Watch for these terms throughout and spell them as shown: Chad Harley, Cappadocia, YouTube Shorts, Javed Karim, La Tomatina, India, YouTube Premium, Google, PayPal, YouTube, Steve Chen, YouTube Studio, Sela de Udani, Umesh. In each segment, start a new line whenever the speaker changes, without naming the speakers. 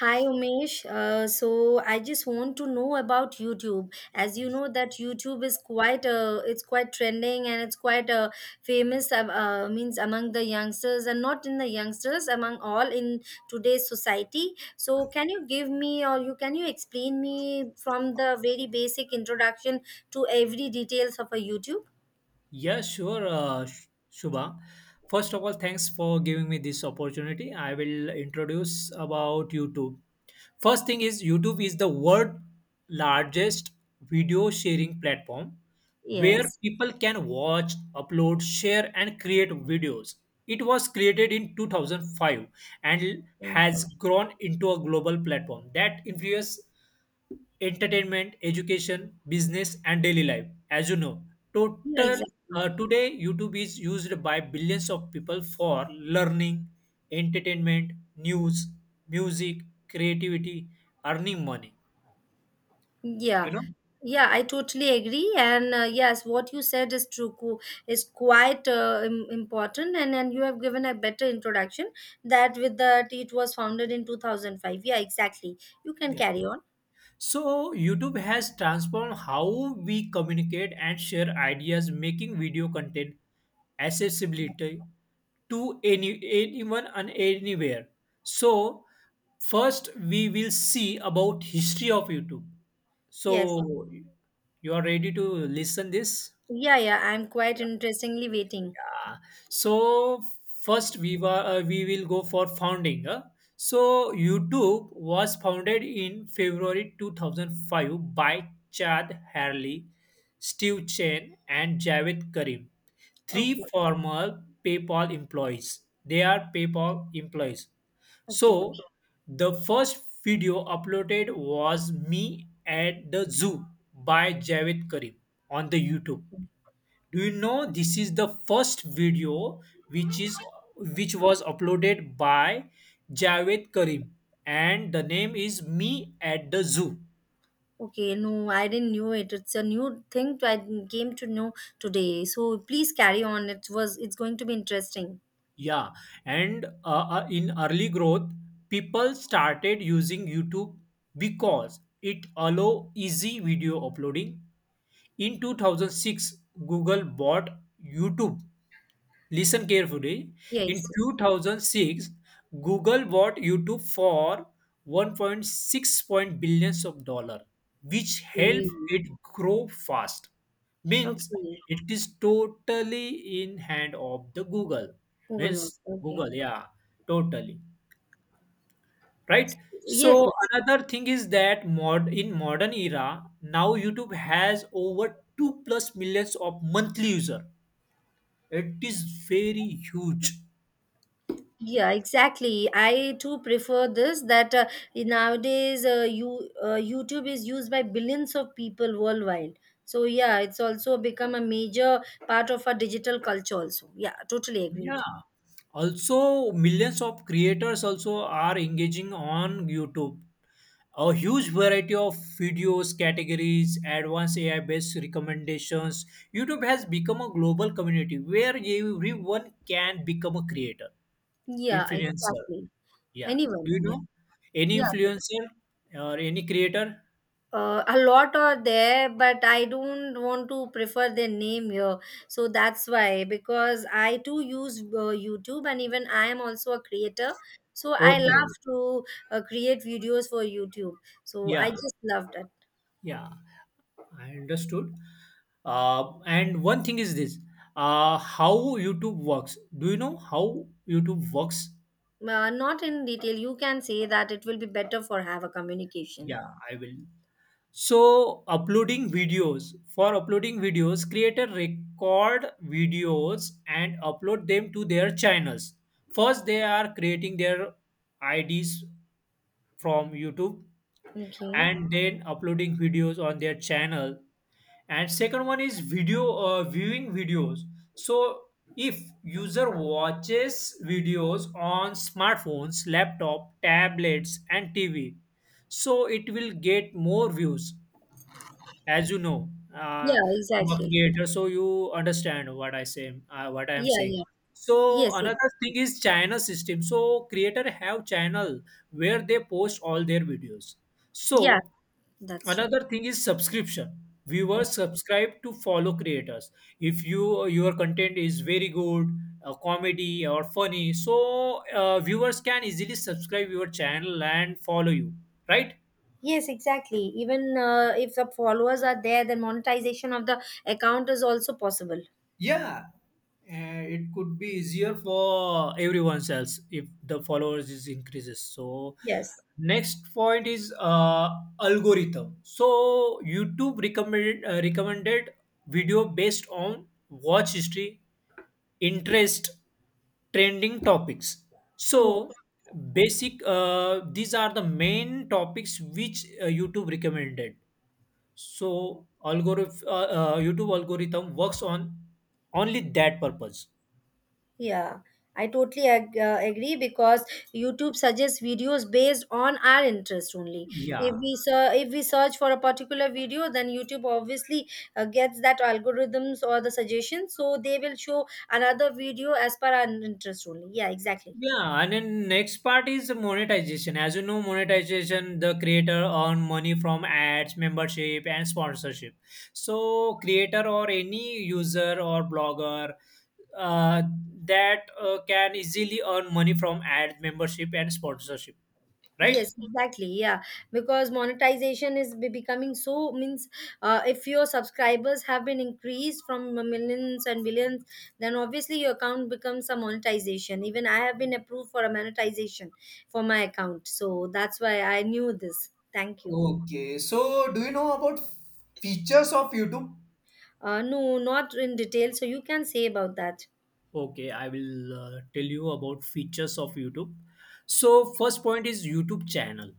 Hi Umesh. So I just want to know about YouTube. As you know that YouTube is quite it's quite trending and it's quite famous means among the youngsters and not in the youngsters among all in today's society. So can you give me or you explain me from the very basic introduction to every details of a YouTube?
Yeah, sure, Shubha. First of all, thanks for giving me this opportunity. I will introduce about YouTube. First thing is YouTube is the world largest video sharing platform where
Yes.
people can watch, upload, share and create videos. It was created in 2005 and
Yeah,
has grown into a global platform that influences entertainment, education, business, and daily life. As you know, total
exactly.
today YouTube is used by billions of people for learning, entertainment, news, music, creativity, earning money. You
Yeah,
know,
yeah, I totally agree. And yes, what you said is true, is quite important. And you have given a better introduction that with that it was founded in 2005. Yeah, exactly. You can
yeah.
carry on.
So YouTube has transformed how we communicate and share ideas, making video content accessibility to anyone and anywhere. So first we will see about history of YouTube.
Yes.
So you are ready to listen this?
Yeah, yeah, I'm quite interestingly waiting.
Yeah. So first we will go for founding, huh? So YouTube was founded in February 2005 by Chad Harley, Steve Chen, and Javed Karim, three
Okay,
former PayPal employees. They are PayPal employees. So
okay,
the first video uploaded was Me at the Zoo by Javed Karim on the YouTube. Do you know this is the first video which is which was uploaded by Javed Karim, and the name is Me at the Zoo.
okay. No, I didn't knew it. It's a new thing I came to know today. So please carry on. It's going to be interesting.
Yeah. And in early growth, people started using YouTube because it allow easy video uploading. In 2006, Google bought YouTube. Listen carefully. In
Yes.
2006, Google bought YouTube for 1.6 point six billions of dollar, which helped
Okay.
it grow fast. Means
Okay.
it is totally in hand of the Google.
Google.
Means
Okay.
Google, yeah, totally right.
Yes,
So
yes.
another thing is that, mod in modern era, now YouTube has over two plus millions of monthly user. It is very huge.
Yeah, exactly. I too prefer this that nowadays YouTube is used by billions of people worldwide. So yeah, it's also become a major part of our digital culture also. Yeah, totally agreed.
Yeah. Also, millions of creators also are engaging on YouTube. A huge variety of videos, categories, advanced AI based recommendations. YouTube has become a global community where everyone can become a creator,
Yeah,
influencer.
exactly.
Yeah. Do
Anyone.
you
Yeah.
know any
Yeah,
influencer or any creator?
A lot are there, but I don't want to prefer their name here. So that's why, because I too use YouTube and even I am also a creator. So I
Okay.
love to create videos for YouTube. So I
Yeah.
just loved it.
Yeah. I understood. And one thing is this, how YouTube works. Do you know how YouTube works?
Not in detail. You can say that it will be better for have a communication.
Yeah, I will. So, uploading videos. For uploading videos, creator record videos and upload them to their channels. First, they are creating their IDs from YouTube
Okay.
and then uploading videos on their channel. And second one is video viewing videos. So if user watches videos on smartphones, laptop, tablets and TV, so it will get more views. As you know,
Yeah,
you are
exactly.
creator, so you understand what I am
Yeah,
saying.
yeah.
So
Yes, it,
another thing is channel system. So creator have channel where they post all their videos. So
yeah, that's true.
another thing is subscription.
Yeah.
Viewers subscribe to follow creators. If your content is very good, comedy or funny, so viewers can easily subscribe your channel and follow you, right?
Yes, exactly. Even if the followers are there, then monetization of the account is also possible.
Yeah. It could be easier for everyone else if the followers is increases. So
Yes.
next point is algorithm. So YouTube recommended video based on watch history, interest, trending topics. So
Yes.
basic, these are the main topics which YouTube recommended. So YouTube algorithm works on only that purpose.
Yeah. I totally agree because YouTube suggests videos based on our interest only. If
Yeah.
we if we search for a particular video, then YouTube obviously gets that algorithms or the suggestions, so they will show another video as per our interest only. Yeah, exactly.
Yeah, and then next part is the monetization. As you know, monetization, the creator earn money from ads, membership, and sponsorship. So creator or any user or blogger, uh, that can easily earn money from ads, membership and sponsorship, right?
Yes, exactly. Yeah, because monetization is becoming so means if your subscribers have been increased from millions and billions, then obviously your account becomes a monetization. Even I have been approved for a monetization for my account, so that's why I knew this. Thank you.
Okay, so do you know about features of YouTube?
No, not in detail, so you can say about that.
Okay, I will tell you about features of YouTube. So, first point is YouTube channel.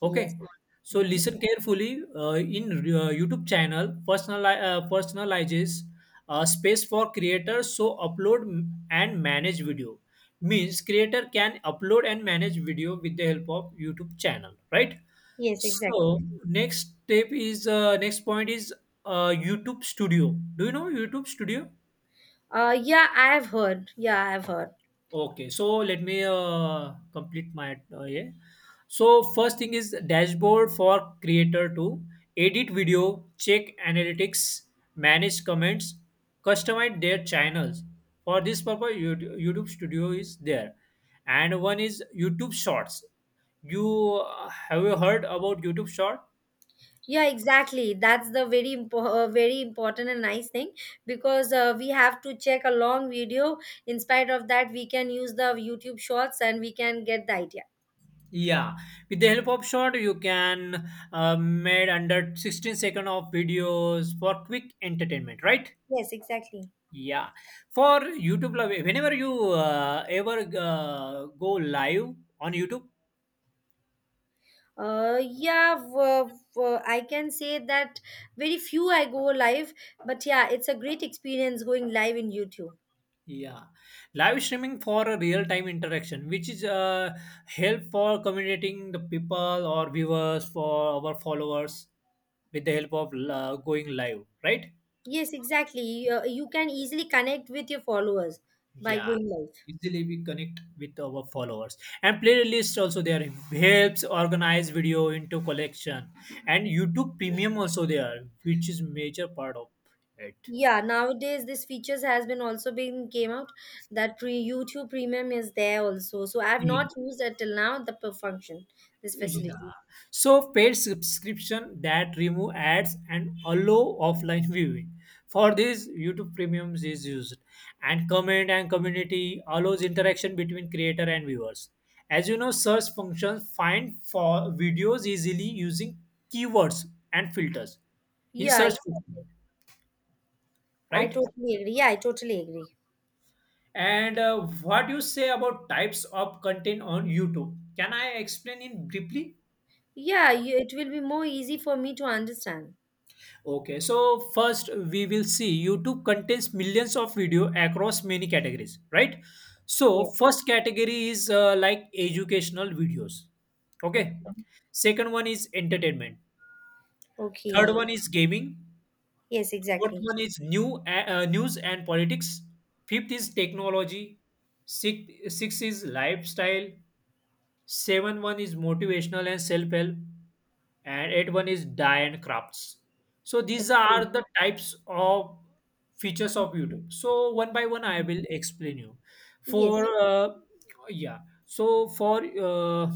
Yes.
Okay, so
Mhm.
listen carefully. In YouTube channel, personalizes space for creators, so upload and manage video. Means creator can upload and manage video with the help of YouTube channel, right?
Yes, exactly.
So next point is YouTube Studio. Do you know YouTube Studio?
Yeah, I have heard. Yeah, I have heard.
Okay, so let me complete my, yeah. So first thing is dashboard for creator to edit video, check analytics, manage comments, customize their channels. For this purpose, YouTube Studio is there, and one is YouTube Shorts. You Have you heard about YouTube Short?
Yeah, exactly. That's the very very important and nice thing because we have to check a long video. In spite of that, we can use the YouTube Shorts and we can get the idea.
Yeah, with the help of short, you can made under 16 second of videos for quick entertainment, right?
Yes, exactly.
Yeah, for YouTube Live, whenever you ever go live on YouTube,
Yeah, I can say that very few I go live, but yeah, it's a great experience going live in YouTube.
yeah, live streaming for a real-time interaction, which is help for communicating the people or viewers for our followers with the help of going live, right?
Yes, exactly. You can easily connect with your followers by
Yeah,
going live.
easily we connect with our followers, and playlist also there, helps organize video into collection. And YouTube Premium also there, which is major part of it.
Yeah, nowadays this features has been also been came out that pre YouTube Premium is there also. So I've
Paying.
not used it till now the per function this
Yeah.
facility.
So paid subscription that remove ads and allow offline viewing. For this, YouTube Premiums is used, and comment and community allows interaction between creator and viewers. As you know, search functions find for videos easily using keywords and filters in
Yeah,
search, function,
exactly. I
right?
totally agree. Yeah, I totally agree.
And what you say about types of content on YouTube? Can I explain in briefly?
Yeah, it will be more easy for me to understand.
Okay, so first we will see YouTube contains millions of video across many categories, right? So
Yeah.
first category is like educational videos. Okay.
Okay.
Second one is entertainment. Third
Okay.
one is gaming.
Yes,
Fourth
exactly.
one is news and politics. Fifth is technology. Sixth is lifestyle. Seven one is motivational and self-help, and eight one is dye and crafts. So these are
Okay.
the types of features of YouTube. So one by one I will explain you.
Yes.
For yeah. So for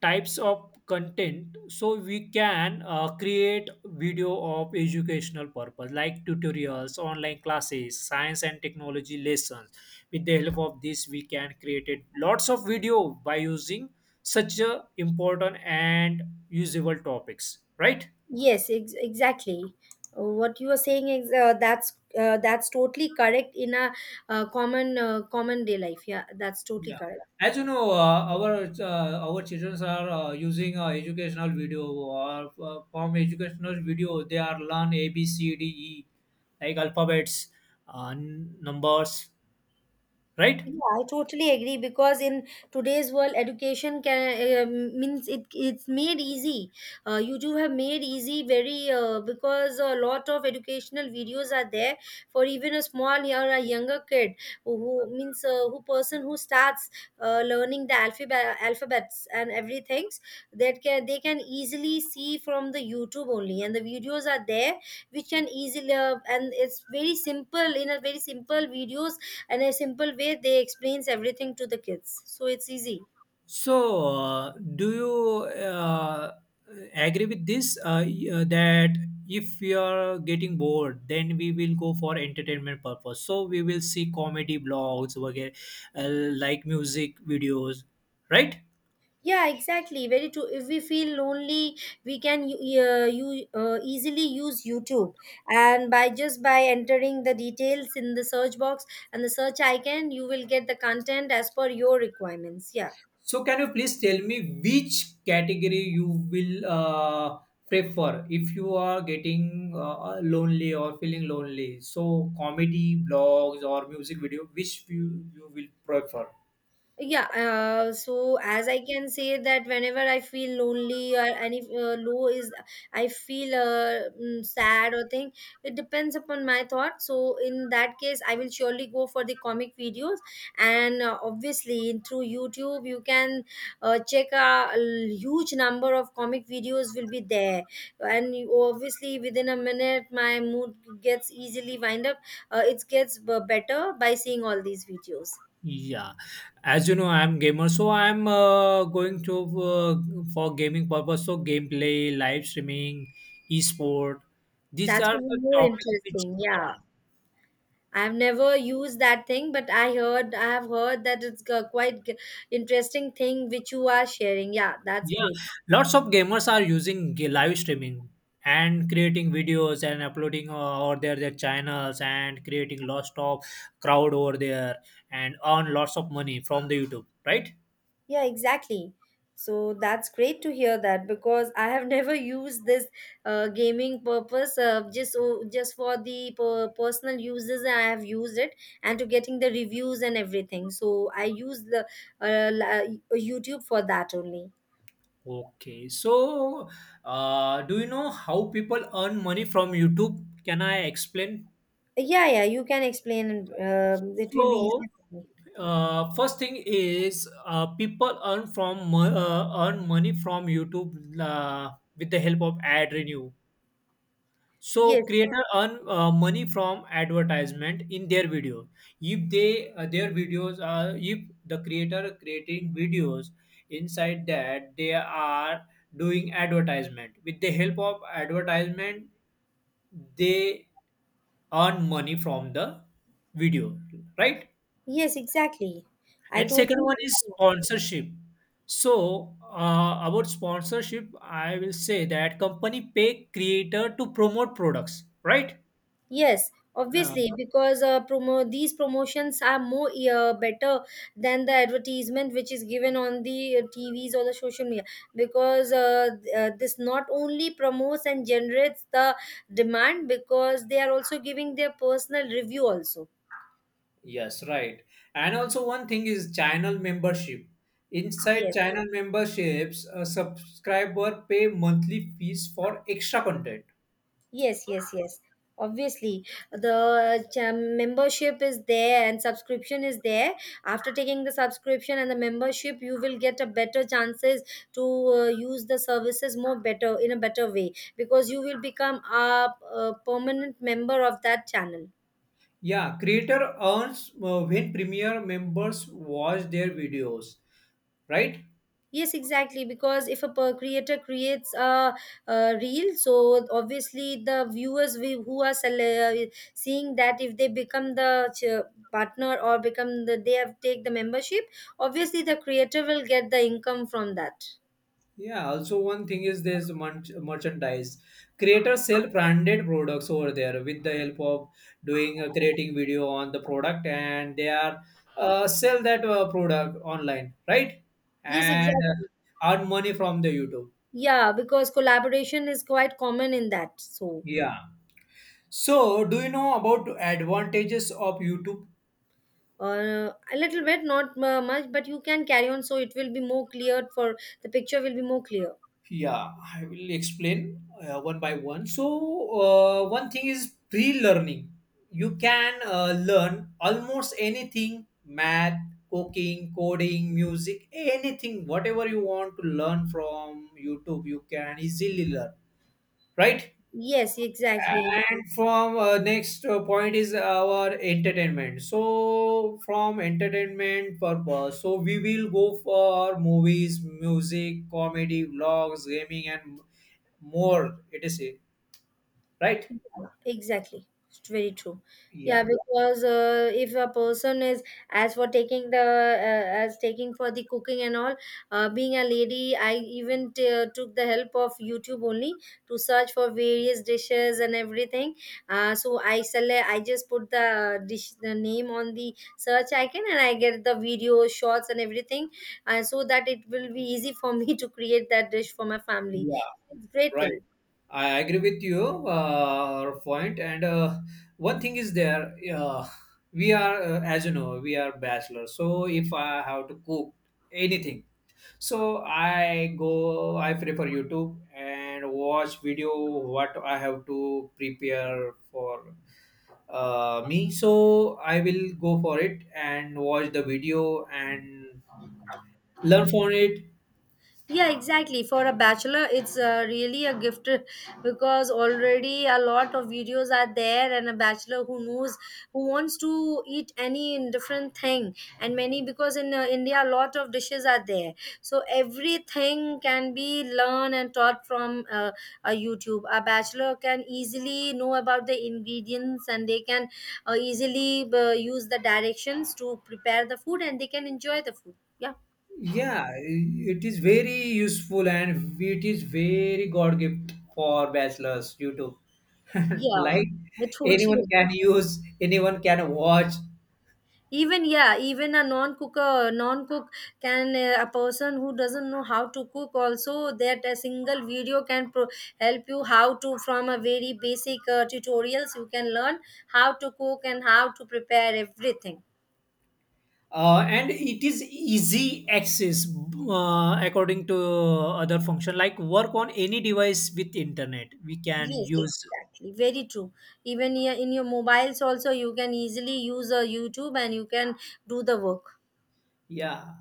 types of content, so we can create video of educational purpose like tutorials, online classes, science and technology lessons. With the help of this, we can create it lots of video by using such a important and usable topics, right?
Yes, exactly. What you are saying is that's totally correct in a common day life. Yeah, that's totally
Yeah,
correct.
as you know, our children are using educational video, or from educational video they are learn A B C D E, like alphabets, numbers, right?
Yeah, I totally agree because in today's world, education can means it's made easy. You do have made easy very because a lot of educational videos are there for even a small or a younger kid who means who person who starts learning the alphabets and everything that can they can easily see from the YouTube only, and the videos are there which can easily and it's very simple, in a very simple videos and a simple way they explains everything to the kids, so it's easy.
So, do you agree with this, that if we are getting bored, then we will go for entertainment purpose. So we will see comedy blogs, वगैरह, uh, like music videos, right?
Yeah, exactly, very true. If we feel lonely, we can you, you easily use YouTube, and by just by entering the details in the search box and the search icon, you will get the content as per your requirements. Yeah.
So can you please tell me which category you will prefer if you are getting lonely or feeling lonely? So comedy, blogs, or music video, which you will prefer?
Yeah, so as I can say that whenever I feel lonely or any low is I feel sad or thing. It depends upon my thought, so in that case I will surely go for the comic videos, and obviously through YouTube you can check a huge number of comic videos will be there, and obviously within a minute my mood gets easily wind up. It gets better by seeing all these videos.
Yeah, as you know, I'm gamer, so I'm going to for gaming purpose. So gameplay, live streaming, esport, these
That's
are the
even more
topics which.
interesting. Yeah. I've never used that thing, but I have heard that it's a quite interesting thing which you are sharing. Yeah, that's
Yeah,
great.
lots of gamers are using live streaming and creating videos and uploading over there their channels, and creating lots of crowd over there and earn lots of money from the YouTube, right?
Yeah, exactly. So that's great to hear that because I have never used this gaming purpose just for the personal uses. I have used it and to getting the reviews and everything. So I use the YouTube for that only.
Okay, so do you know how people earn money from YouTube? Can I explain?
Yeah, yeah, you can explain and it will be
So,
easier for me.
first thing is people earn money from YouTube, with the help of ad revenue. So
Yes,
creator earn money from advertisement in their video. If they their videos are If the creator creating videos inside that, they are doing advertisement. With the help of advertisement, they earn money from the video, right?
yes, exactly. I
And second
totally
one is
agree.
sponsorship. So about sponsorship, I will say that company pay creator to promote products, right?
Yes,
Uh,
obviously, because promo these promotions are more better than the advertisement which is given on the TVs or the social media because this not only promotes and generates the demand because they are also giving their personal review also.
Yes, right. And also one thing is channel membership. Inside
Yes.
channel memberships, a subscriber pay monthly fees for extra content.
Yes, yes, yes. Obviously, the membership is there and subscription is there. After taking the subscription and the membership, you will get a better chances to use the services more better in a better way because you will become a permanent member of that channel.
Yeah, creator earns when premier members watch their videos, right?
Yes, exactly. Because if a creator creates a reel, so obviously the viewers who are seeing that, if they become the partner or become the they have take the membership, obviously the creator will get the income from that.
Yeah, also one thing is there's merchandise. Creators sell branded products over there with the help of doing creating video on the product, and they are sell that product online, right?
Yes,
And
exactly.
uh, earn money from the YouTube.
Yeah, because collaboration is quite common in that. So
Yeah. So, do you know about advantages of YouTube?
a little bit, not much, but you can carry on. So it will be more clear for the picture will be more clear.
Yeah, I will explain one by one. So, one thing is pre learning. You can learn almost anything, math, cooking, coding, music, anything, whatever you want to learn from YouTube, you can easily learn, right?
Yes, exactly.
And from next point is our entertainment. So, from entertainment purpose, so we will go for movies, music, comedy, vlogs, gaming, and more etc, right?
Yeah, exactly. It's very true. Yeah,
Yeah.
because if a person is as for taking the as taking for the cooking and all, being a lady, I even took the help of YouTube only to search for various dishes and everything. So I just put the dish the name on the search icon and I get the video shots and everything, so that it will be easy for me to create that dish for my family.
Yeah,
It's great
right.
thing.
I agree with your point. And one thing is there, we are as you know, we are bachelors. So if I have to cook anything, so I prefer YouTube and watch video what I have to prepare for, me. So I will go for it and watch the video and learn from it.
Yeah, exactly. For a bachelor, it's really a gift because already a lot of videos are there, and a bachelor who wants to eat any different thing, and many because in India a lot of dishes are there, so everything can be learned and taught from a YouTube. A bachelor can easily know about the ingredients, and they can easily use the directions to prepare the food, and they can enjoy the food. Yeah,
Yeah, it is very useful and it is very God gift for bachelors YouTube.
yeah,
like
I
anyone
totally.
can use, anyone can watch,
Even yeah, even a non cook, can a person who doesn't know how to cook also, that a single video can help you how to, from a very basic tutorials you can learn how to cook and how to prepare everything.
and it is easy access according to other function. Like work on any device with internet, we can
Yes,
use.
exactly, very true. Even yeah, in your mobiles also you can easily use a YouTube and you can do the work.
Yeah,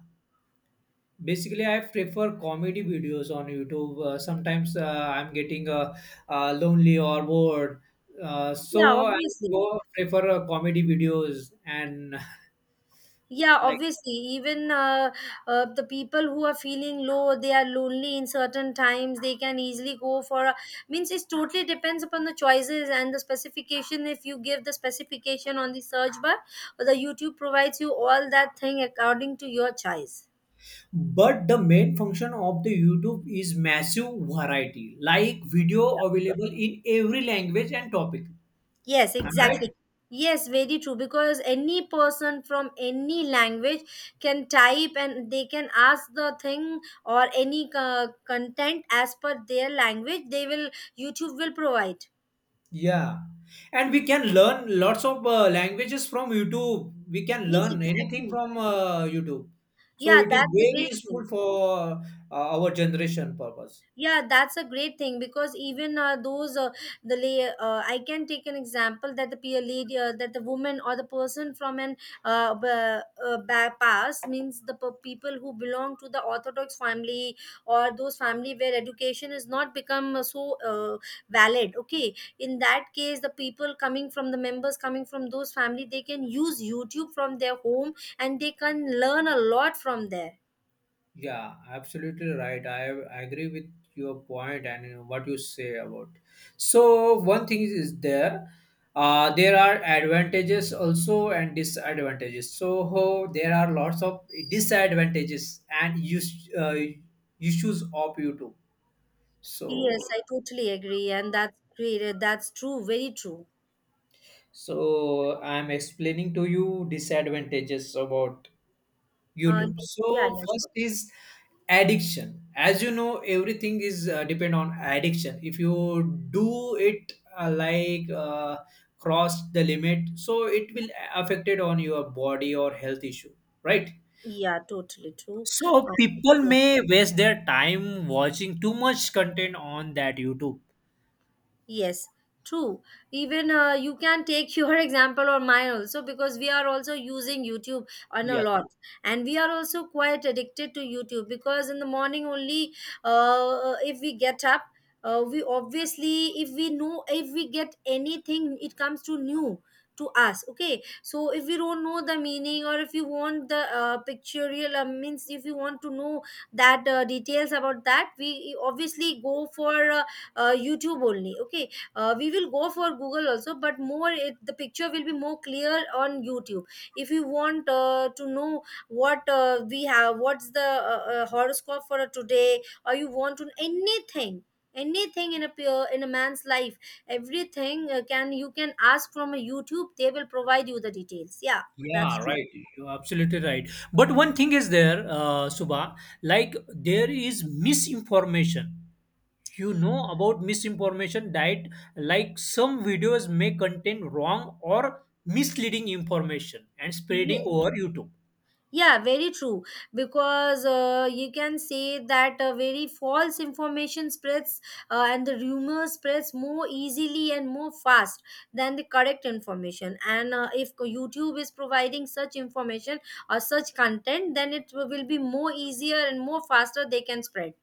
basically, I prefer comedy videos on YouTube. Sometimes I'm getting lonely or bored,
Yeah,
so I
obviously.
go prefer comedy videos and
Yeah,
like.
obviously, even the people who are feeling low, they are lonely in certain times, they can easily go for a, means it totally depends upon the choices and the specification. If you give the specification on the search bar, the YouTube provides you all that thing according to your choice.
But the main function of the YouTube is massive variety, like video available in every language and topic.
Yes,
Am I right?
exactly. Yes, very true. Because any person from any language can type and they can ask the thing or any content as per their language. YouTube will provide.
Yeah, and we can learn lots of languages from YouTube. We can
Yes,
learn anything
exactly.
from YouTube. So
Yeah,
it is
that's a
very
great thing.
useful for our generation purpose.
Yeah, that's a great thing because even I can take an example that the peer lead that the woman or the person from an past means the people who belong to the orthodox family or those family where education is not become valid. Okay, in that case the people coming from the members coming from those family, they can use YouTube from their home and they can learn a lot from there.
Yeah, absolutely right. I agree with your point and what you say about. So one thing is there. There are advantages also and disadvantages. So there are lots of disadvantages and issues of YouTube. So
Yes, I totally agree, and that's great. That's true, very true.
So I'm explaining to you disadvantages about
Uh,
YouTube.
yeah,
So
yeah,
first
sure.
is addiction. As you know, everything is depend on addiction. If you do it cross the limit, so it will affect it on your body or health issue, right?
Yeah, totally true. Uh,
So people
yeah.
may waste their time watching too much content on that YouTube.
Yes, true. Even you can take your example or mine also, because we are also using YouTube on a
Yeah.
lot, and we are also quite addicted to YouTube because in the morning only, if we get up, we obviously if we know if we get anything, it comes to new to us. Okay, so if we don't know the meaning, or if you want the pictorial means if you want to know that details about that, we obviously go for. YouTube only. Okay, we will go for Google also, but more it, the picture will be more clear on YouTube if you want to know what we have, what's the horoscope for today, or you want to anything anything in a in a man's life, everything can, you can ask from a YouTube, they will provide you the details, yeah, that's
Yeah, right. You're absolutely right. But one thing is there, Subha, like there is misinformation. You know about misinformation diet, like some videos may contain wrong or misleading information and
true.
spreading over YouTube.
Yeah, very true. Because you can say that very false information spreads and the rumor spreads more easily and more fast than the correct information. And if YouTube is providing such information or such content, then it will be more easier and more faster they can spread.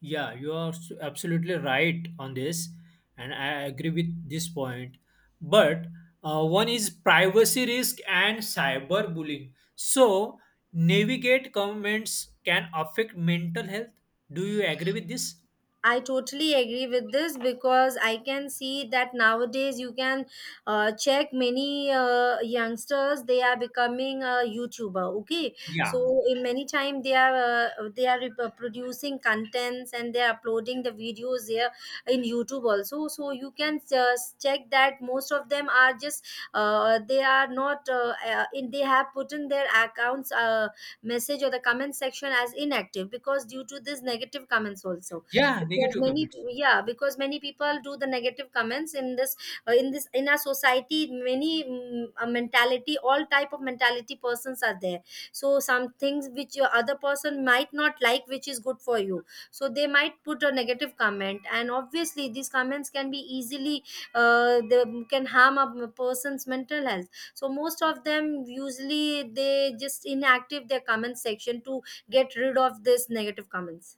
Yeah, you are absolutely right on this, and I agree with this point. But one is privacy risk and cyberbullying. So, navigate comments can affect mental health. Do you agree with this?
I totally agree with this, because I can see that nowadays you can check many youngsters, they are becoming a YouTuber. Okay,
Yeah,
so in many time they are producing contents, and they are uploading the videos there in YouTube also. So you can check that most of them are just they are not in they have put in their accounts message or the comment section as inactive, because due to this negative comments also,
yeah,
because
negative
many
comments.
yeah, because many people do the negative comments in this, in our society, many mm, a mentality all type of mentality persons are there. So some things which your other person might not like, which is good for you, so they might put a negative comment, and obviously these comments can be easily they can harm a person's mental health. So most of them usually, they just inactive their comment section to get rid of this negative comments.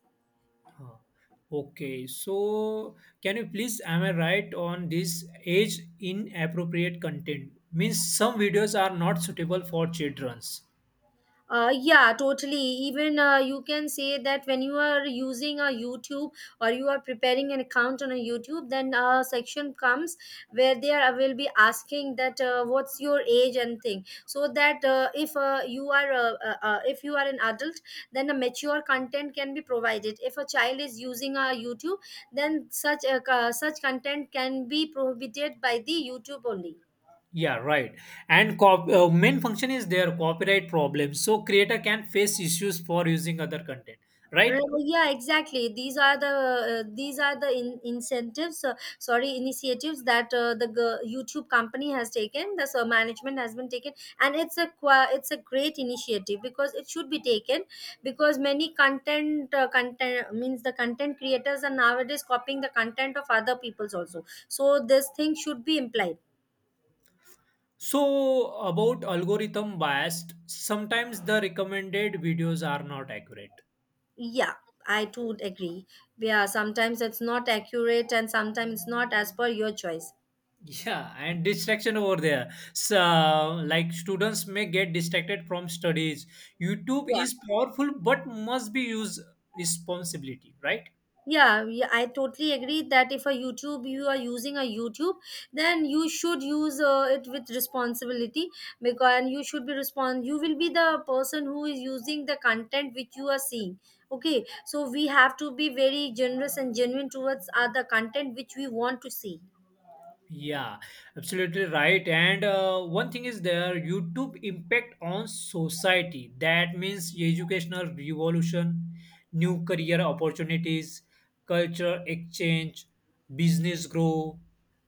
Huh. Okay, so can you please, am I right on this age inappropriate content? Means some videos are not suitable for children's.
Yeah, totally. Even you can say that when you are using a YouTube or you are preparing an account on a YouTube, then a section comes where they are will be asking that what's your age and thing. So that if you are if you are an adult, then a mature content can be provided. If a child is using a YouTube, then such content can be prohibited by the YouTube only.
Yeah, right. And main function is their copyright problem. So creator can face issues for using other content, right?
Yeah, exactly, these are the incentives, sorry, initiatives, that YouTube company has taken, the so management has been taken. And it's a it's a great initiative, because it should be taken, because many content, content means the content creators are nowadays copying the content of other people's also, so this thing should be implied.
So about algorithm biased, sometimes the recommended videos are not accurate.
Yeah, I too agree. Yeah, sometimes it's not accurate, and sometimes it's not as per your choice.
Yeah, and distraction over there. So, like students may get distracted from studies. YouTube
Yeah.
is powerful, but must be used responsibility, right?
Yeah, I totally agree that if a YouTube, you are using a YouTube, then you should use it with responsibility, because and you should be respond, you will be the person who is using the content which you are seeing. Okay, so we have to be very generous and genuine towards other content which we want to see.
Yeah, absolutely right. And one thing is there YouTube impact on society. That means educational revolution, new career opportunities, culture exchange, business growth,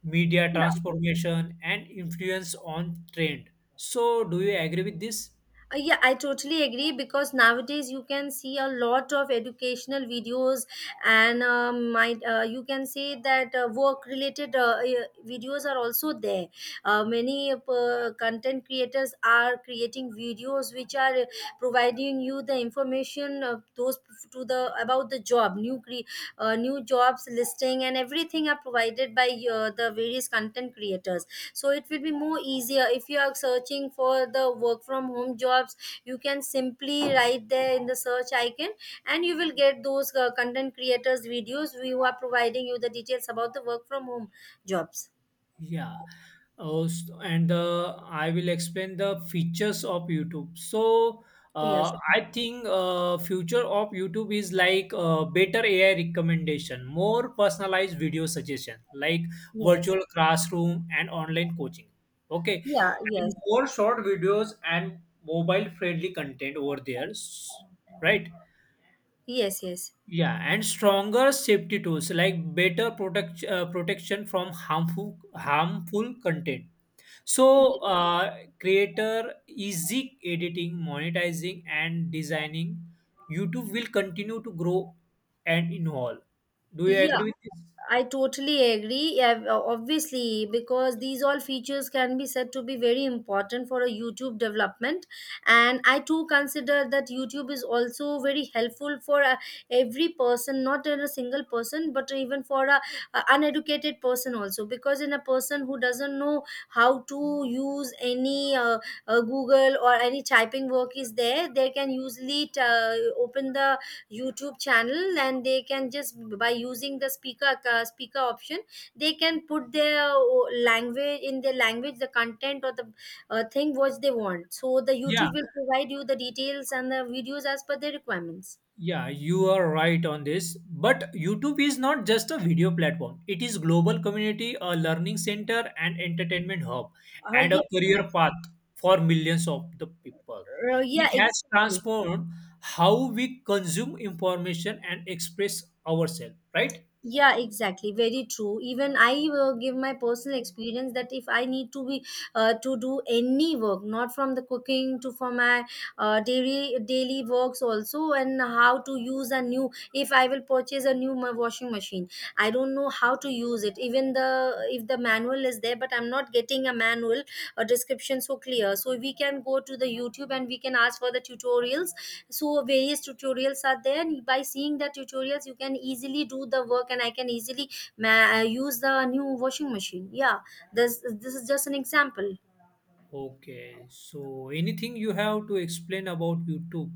media
Yeah.
transformation, and influence on trend. So, do you agree with this?
Yeah, I totally agree, because nowadays you can see a lot of educational videos, and you can say that work related videos are also there. Many content creators are creating videos which are providing you the information of those, to the about the job, new jobs listing, and everything are provided by the various content creators. So it will be more easier if you are searching for the work from home jobs, you can simply write there in the search icon, and you will get those content creators videos who are providing you the details about the work from home jobs.
Yeah. Oh, s- and I will explain the features of YouTube. So,
Yes,
I think future of YouTube is like better AI recommendation, more personalized video suggestion, like
yes.
virtual classroom and online coaching. Okay,
Yeah. Yes
and more short videos and mobile friendly content over there, right?
yes,
Yeah, and stronger safety tools like better protection from harmful content so, creator easy editing, monetizing, and designing, YouTube will continue to grow and evolve. Do you
yeah,
agree with this?
I totally agree. Obviously, because these all features can be said to be very important for a YouTube development, and I too consider that YouTube is also very helpful for every person, not in a single person, but even for a uneducated person also. Because in a person who doesn't know how to use any Google or any typing work is there, they can usually open the YouTube channel, and they can just by using the speaker speaker option, they can put their language in their language, the content or the thing what they want. So the
Yeah,
YouTube will provide you the details and the videos as per their requirements.
yeah, you are right on this. But YouTube is not just a video platform. It is global community, a learning center, and entertainment hub,
Uh,
and
yeah,
a career
exactly.
path for millions of the people.
Uh, yeah,
It has
exactly.
transformed how we consume information and express ourselves, right?
Yeah, exactly. Very true. Even I give my personal experience that if I need to be to do any work, not from the cooking to for my daily daily works also, and how to use a new, if I will purchase a new washing machine, I don't know how to use it, even the if the manual is there, but I'm not getting a manual, a description so clear, so we can go to the YouTube and we can ask for the tutorials. So various tutorials are there, and by seeing the tutorials you can easily do the work, and I can easily use the new washing machine. Yeah, this is just an example.
Okay, so anything you have to explain about YouTube?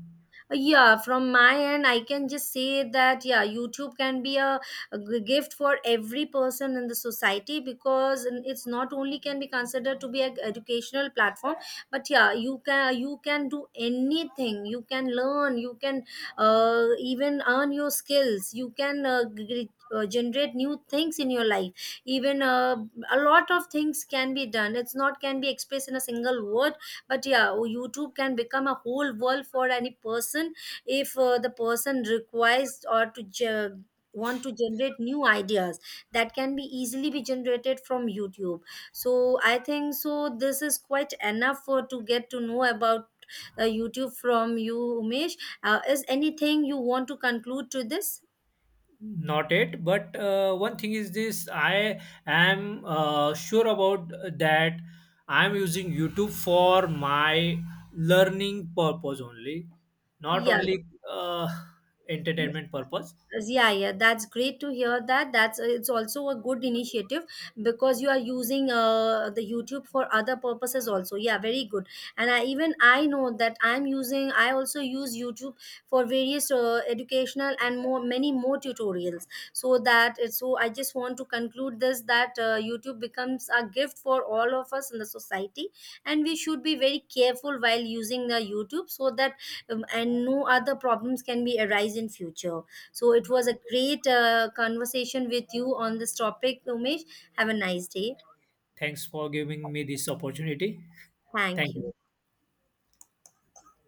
Yeah, from my end I can just say that yeah, YouTube can be a gift for every person in the society, because it's not only can be considered to be an educational platform, but yeah, you can, you can do anything, you can learn, you can even earn your skills, you can generate new things in your life. Even a lot of things can be done, it's not can be expressed in a single word, but yeah, oh, YouTube can become a whole world for any person, if the person requires or to want to generate new ideas, that can be easily be generated from YouTube. So I think so, this is quite enough for to get to know about YouTube from you, Umesh. Uh, is anything you want to conclude to this?
Not yet, but one thing is this: I am sure about that. I am using YouTube for my learning purpose only, not
Yeah.
only uh, entertainment purpose.
Yes, yeah, yeah, that's great to hear that, that's it's also a good initiative, because you are using the YouTube for other purposes also. Yeah, very good. And I, even I know that I'm using, I also use YouTube for various educational and more many more tutorials. So that it's, so I just want to conclude this that YouTube becomes a gift for all of us in the society, and we should be very careful while using the YouTube, so that and no other problems can be arise in future. So it was a great conversation with you on this topic, Umesh. Have a nice day.
Thanks for giving me this opportunity.
Thank
Thank
you.
you.